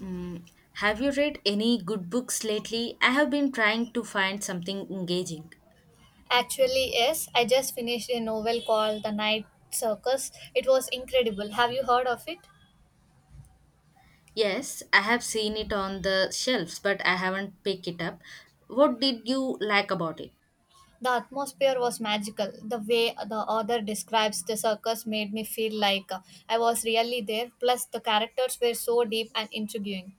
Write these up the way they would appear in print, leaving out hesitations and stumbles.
Mm, have you read any good books lately? I have been trying to find something engaging. Actually, yes, I just finished a novel called The Night Circus. It was incredible. Have you heard of it? Yes, I have seen it on the shelves, but I haven't picked it up. What did you like about it? The atmosphere was magical. The way the author describes the circus made me feel like I was really there. Plus, the characters were so deep and intriguing.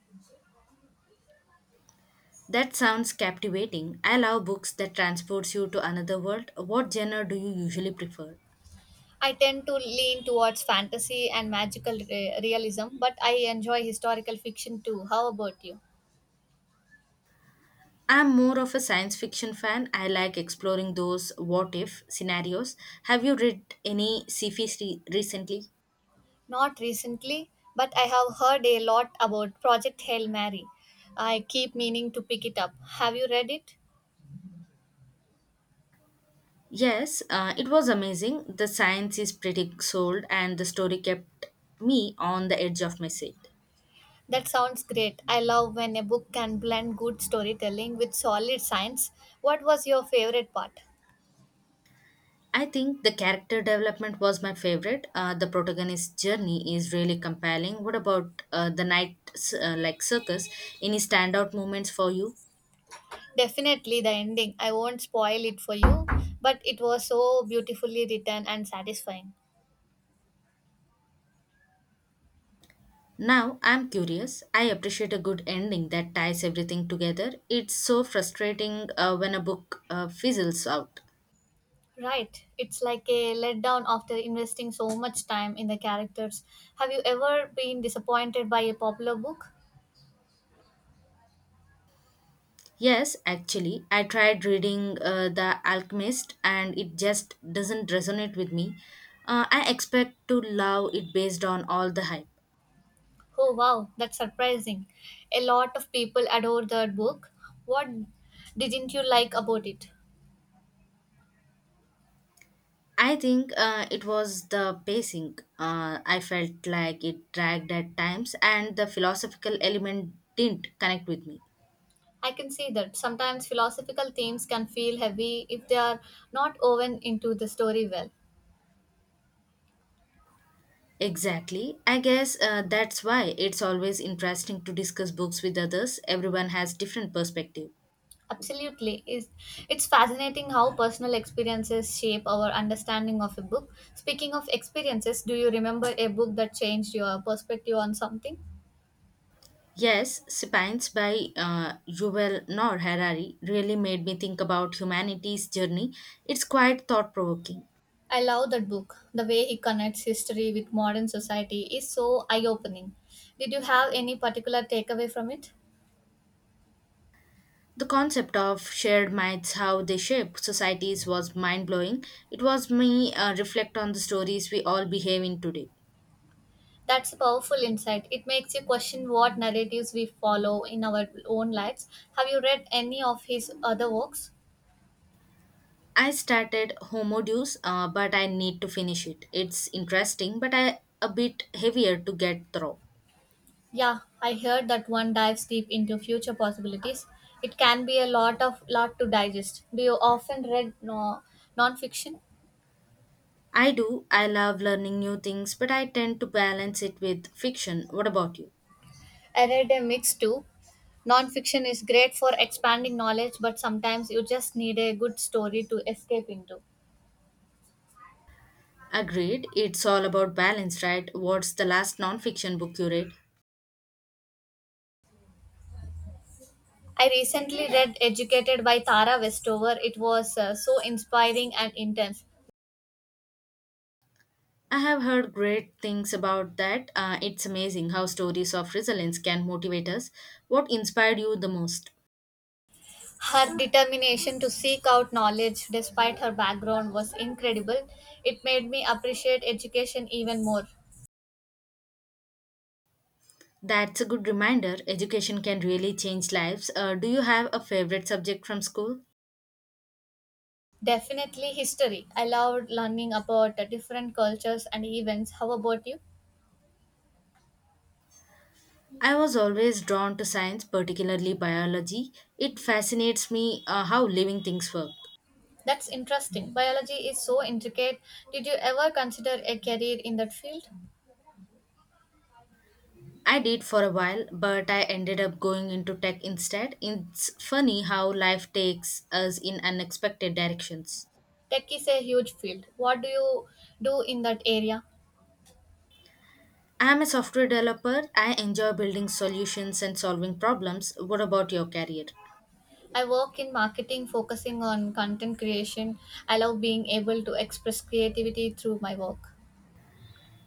That sounds captivating. I love books that transports you to another world. What genre do you usually prefer? I tend to lean towards fantasy and magical realism, but I enjoy historical fiction too. How about you? I'm more of a science fiction fan. I like exploring those what if scenarios. Have you read any recently? Not recently, but I have heard a lot about Project Hail Mary. I keep meaning to pick it up. Have you read it? Yes, it was amazing. The science is pretty sold, and the story kept me on the edge of my seat. That sounds great. I love when a book can blend good storytelling with solid science. What was your favorite part? I think the character development was my favorite. The protagonist's journey is really compelling. What about the night like circus? Any standout moments for you? Definitely the ending. I won't spoil it for you, but it was so beautifully written and satisfying. Now I'm curious. I appreciate a good ending that ties everything together. It's so frustrating when a book fizzles out. Right. It's like a letdown after investing so much time in the characters. Have you ever been disappointed by a popular book? Yes, actually, I tried reading The Alchemist and it just doesn't resonate with me. I expect to love it based on all the hype. Oh wow, that's surprising. A lot of people adore that book. What didn't you like about it? I think it was the pacing. I felt like it dragged at times and the philosophical element didn't connect with me. I can see that sometimes philosophical themes can feel heavy if they are not woven into the story well. Exactly. I guess that's why it's always interesting to discuss books with others. Everyone has different perspectives. Absolutely. It's fascinating how personal experiences shape our understanding of a book. Speaking of experiences, do you remember a book that changed your perspective on something? Yes, Spines by Yuval Noah Harari really made me think about humanity's journey. It's quite thought provoking. I love that book. The way he connects history with modern society is so eye opening. Did you have any particular takeaway from it? The concept of shared minds, how they shape societies, was mind blowing. It was me reflect on the stories we all behave in today. That's a powerful insight. It makes you question what narratives we follow in our own lives. Have you read any of his other works? I started Homo Deus, but I need to finish it. It's interesting, but I a bit heavier to get through. Yeah, I heard that one dives deep into future possibilities. It can be a lot to digest. Do you often read no, non-fiction? I do. I love learning new things, but I tend to balance it with fiction. What about you? I read a mix too. Nonfiction is great for expanding knowledge, but sometimes you just need a good story to escape into. Agreed. It's all about balance, right? What's the last nonfiction book you read? I recently read Educated by Tara Westover. It was so inspiring and intense. I have heard great things about that. It's amazing how stories of resilience can motivate us. What inspired you the most? Her determination to seek out knowledge despite her background was incredible. It made me appreciate education even more. That's a good reminder. Education can really change lives. Do you have a favorite subject from school? Definitely history. I loved learning about different cultures and events. How about you? I was always drawn to science, particularly biology. It fascinates me how living things work. That's interesting. Biology is so intricate. Did you ever consider a career in that field? I did for a while, but I ended up going into tech instead. It's funny how life takes us in unexpected directions. Tech is a huge field. What do you do in that area? I am a software developer. I enjoy building solutions and solving problems. What about your career? I work in marketing focusing on content creation. I love being able to express creativity through my work.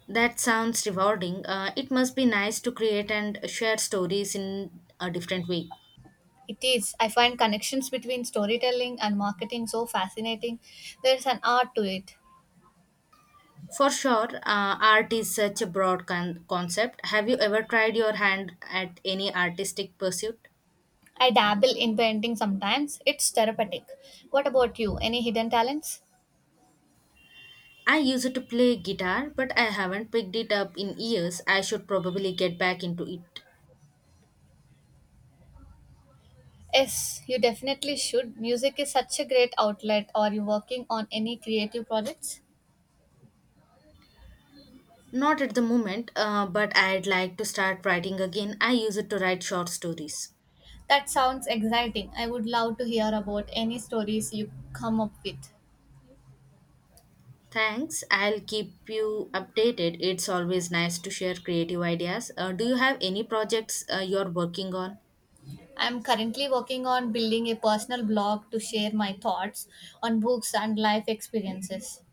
That sounds rewarding. It must be nice to create and share stories in a different way. It is. I find connections between storytelling and marketing so fascinating. There's an art to it. For sure, art is such a broad concept. Have you ever tried your hand at any artistic pursuit? I dabble in painting sometimes. It's therapeutic. What about you? Any hidden talents? I used to play guitar, but I haven't picked it up in years. I should probably get back into it. Yes, you definitely should. Music is such a great outlet. Are you working on any creative projects? Not at the moment, but I'd like to start writing again. I used to write short stories. That sounds exciting. I would love to hear about any stories you come up with. Thanks. I'll keep you updated. It's always nice to share creative ideas. Do you have any projects you're working on? I'm currently working on building a personal blog to share my thoughts on books and life experiences.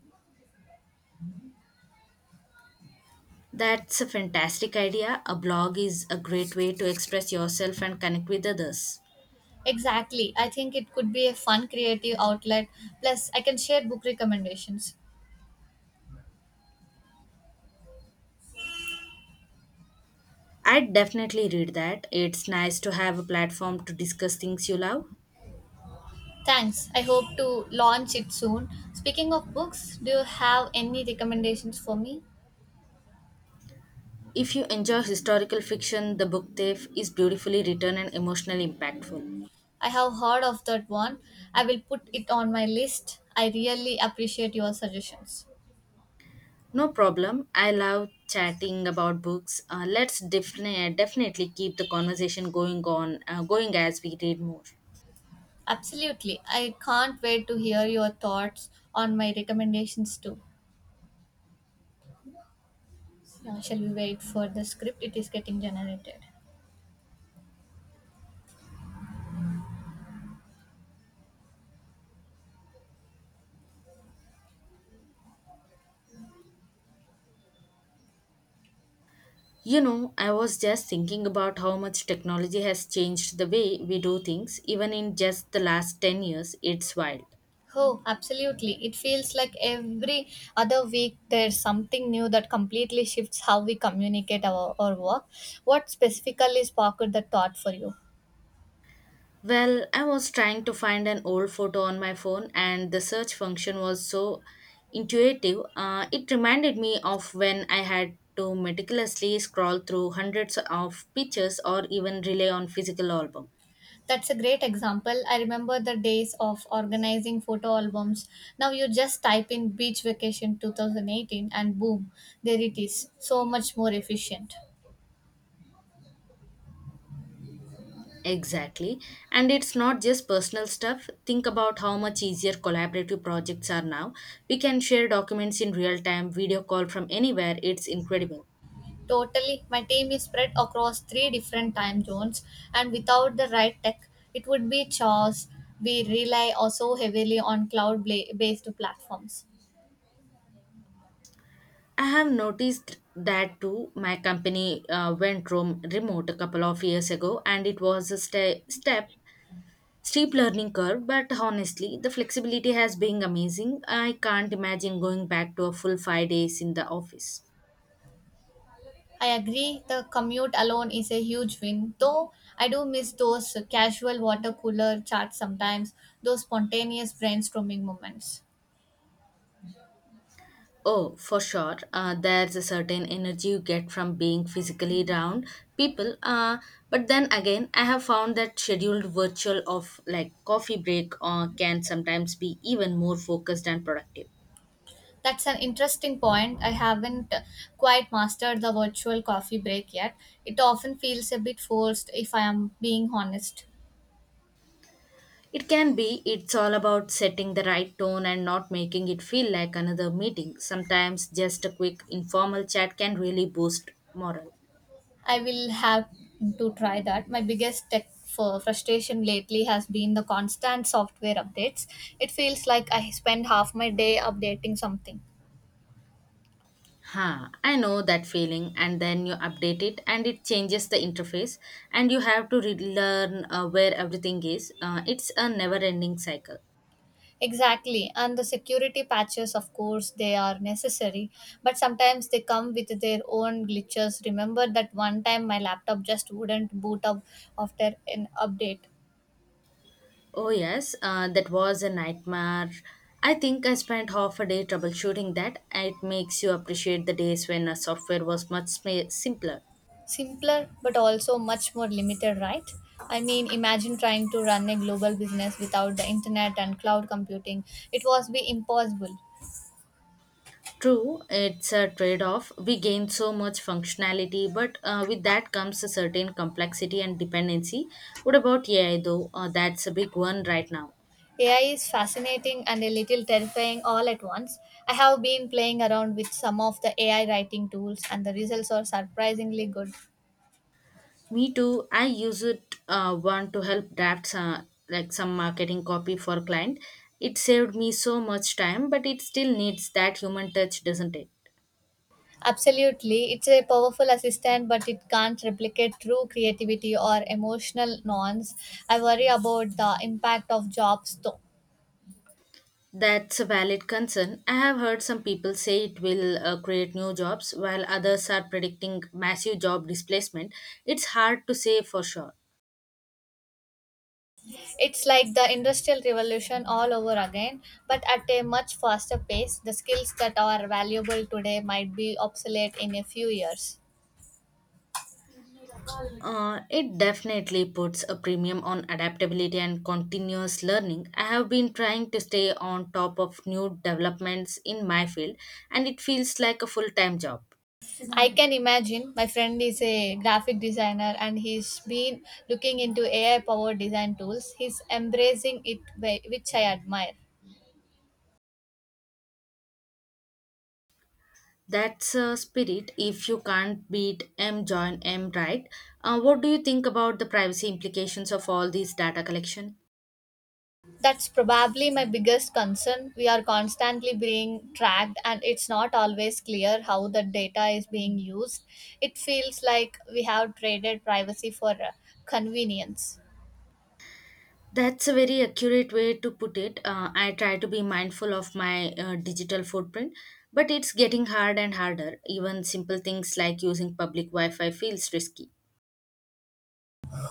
That's a fantastic idea. A blog is a great way to express yourself and connect with others. Exactly. I think it could be a fun creative outlet. Plus, I can share book recommendations. I'd definitely read that. It's nice to have a platform to discuss things you love. Thanks. I hope to launch it soon. Speaking of books, do you have any recommendations for me? If you enjoy historical fiction, The Book Thief is beautifully written and emotionally impactful. I have heard of that one. I will put it on my list. I really appreciate your suggestions. No problem. I love chatting about books. Let's definitely keep the conversation going going as we read more. Absolutely. I can't wait to hear your thoughts on my recommendations too. Yeah, shall we wait for the script? It is getting generated. I was just thinking about how much technology has changed the way we do things, even in just the last 10 years. It's wild. Oh, absolutely. It feels like every other week there's something new that completely shifts how we communicate our work. What specifically sparked the thought for you? Well, I was trying to find an old photo on my phone, and the search function was so intuitive. It reminded me of when I had to meticulously scroll through hundreds of pictures or even rely on physical album. That's a great example. I remember the days of organizing photo albums. Now you just type in beach vacation 2018 and boom, there it is. So much more efficient. Exactly. And it's not just personal stuff. Think about how much easier collaborative projects are now. We can share documents in real time, video call from anywhere. It's incredible. Totally. My team is spread across three different time zones, and without the right tech, it would be chaos. We rely also heavily on cloud based platforms. I have noticed that too. My company remote a couple of years ago, and it was a ste- step steep learning curve. But honestly, the flexibility has been amazing. I can't imagine going back to a full 5 days in the office. I agree, the commute alone is a huge win, though I do miss those casual water cooler chats sometimes, those spontaneous brainstorming moments. Oh, for sure. There's a certain energy you get from being physically around people. But then again, I have found that scheduled virtual of like coffee break can sometimes be even more focused and productive. That's an interesting point. I haven't quite mastered the virtual coffee break yet. It often feels a bit forced if I am being honest. It can be, it's all about setting the right tone and not making it feel like another meeting. Sometimes just a quick informal chat can really boost morale. I will have to try that. My biggest tech for frustration lately has been the constant software updates. It feels like I spend half my day updating something. Huh, I know that feeling, and then you update it and it changes the interface, and you have to relearn where everything is. It's a never ending cycle. Exactly, and the security patches, of course, they are necessary, but sometimes they come with their own glitches. Remember that one time my laptop just wouldn't boot up after an update. Oh, yes, that was a nightmare. I think I spent half a day troubleshooting that. It makes you appreciate the days when a software was much simpler. Simpler, but also much more limited, right? I mean, imagine trying to run a global business without the internet and cloud computing. It was be impossible. True, it's a trade off. We gain so much functionality, but with that comes a certain complexity and dependency. What about AI though? That's a big one right now. AI is fascinating and a little terrifying all at once. I have been playing around with some of the AI writing tools, and the results are surprisingly good. Me too. I use it one to help draft some marketing copy for client. It saved me so much time, but it still needs that human touch, doesn't it? Absolutely, it's a powerful assistant, but it can't replicate true creativity or emotional nuance. I worry about the impact of jobs, though. That's a valid concern. I have heard some people say it will create new jobs, while others are predicting massive job displacement. It's hard to say for sure. It's like the industrial revolution all over again, but at a much faster pace. The skills that are valuable today might be obsolete in a few years. It definitely puts a premium on adaptability and continuous learning. I have been trying to stay on top of new developments in my field, and it feels like a full time job. I can imagine my friend is a graphic designer and he's been looking into AI powered design tools. He's embracing it, which I admire. That's a spirit. If you can't beat M, join M, right? What do you think about the privacy implications of all these data collection? That's probably my biggest concern. We are constantly being tracked, and it's not always clear how the data is being used. It feels like we have traded privacy for convenience. That's a very accurate way to put it. I try to be mindful of my digital footprint, but it's getting hard and harder. Even simple things like using public Wi Fi feels risky.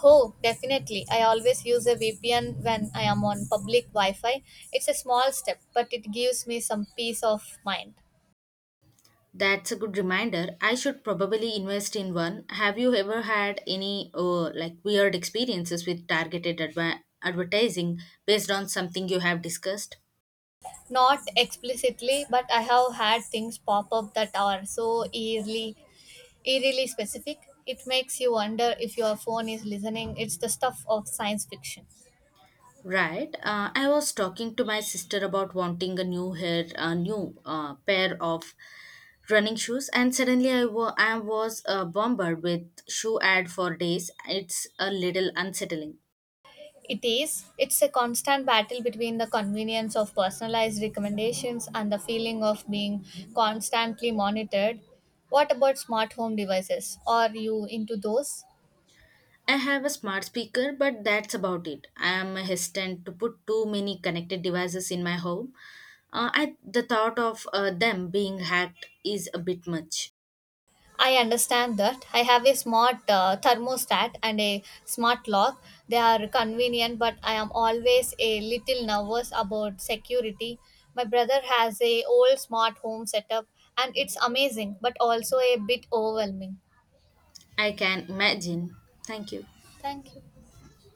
Oh, definitely. I always use a VPN when I am on public Wi Fi. It's a small step, but it gives me some peace of mind. That's a good reminder. I should probably invest in one. Have you ever had any weird experiences with targeted advertising based on something you have discussed? Not explicitly, but I have had things pop up that are so eerily, eerily specific. It makes you wonder if your phone is listening. It's the stuff of science fiction. Right. I was talking to my sister about wanting a new pair of running shoes, and suddenly I was bombarded with shoe ad for days. It's a little unsettling. It is. It's a constant battle between the convenience of personalized recommendations and the feeling of being constantly monitored. What about smart home devices? Are you into those? I have a smart speaker, but that's about it. I am hesitant to put too many connected devices in my home. The thought of them being hacked is a bit much. I understand that. I have a smart thermostat and a smart lock. They are convenient, but I am always a little nervous about security. My brother has a old smart home setup and it's amazing, but also a bit overwhelming. I can imagine. Thank you. Thank you.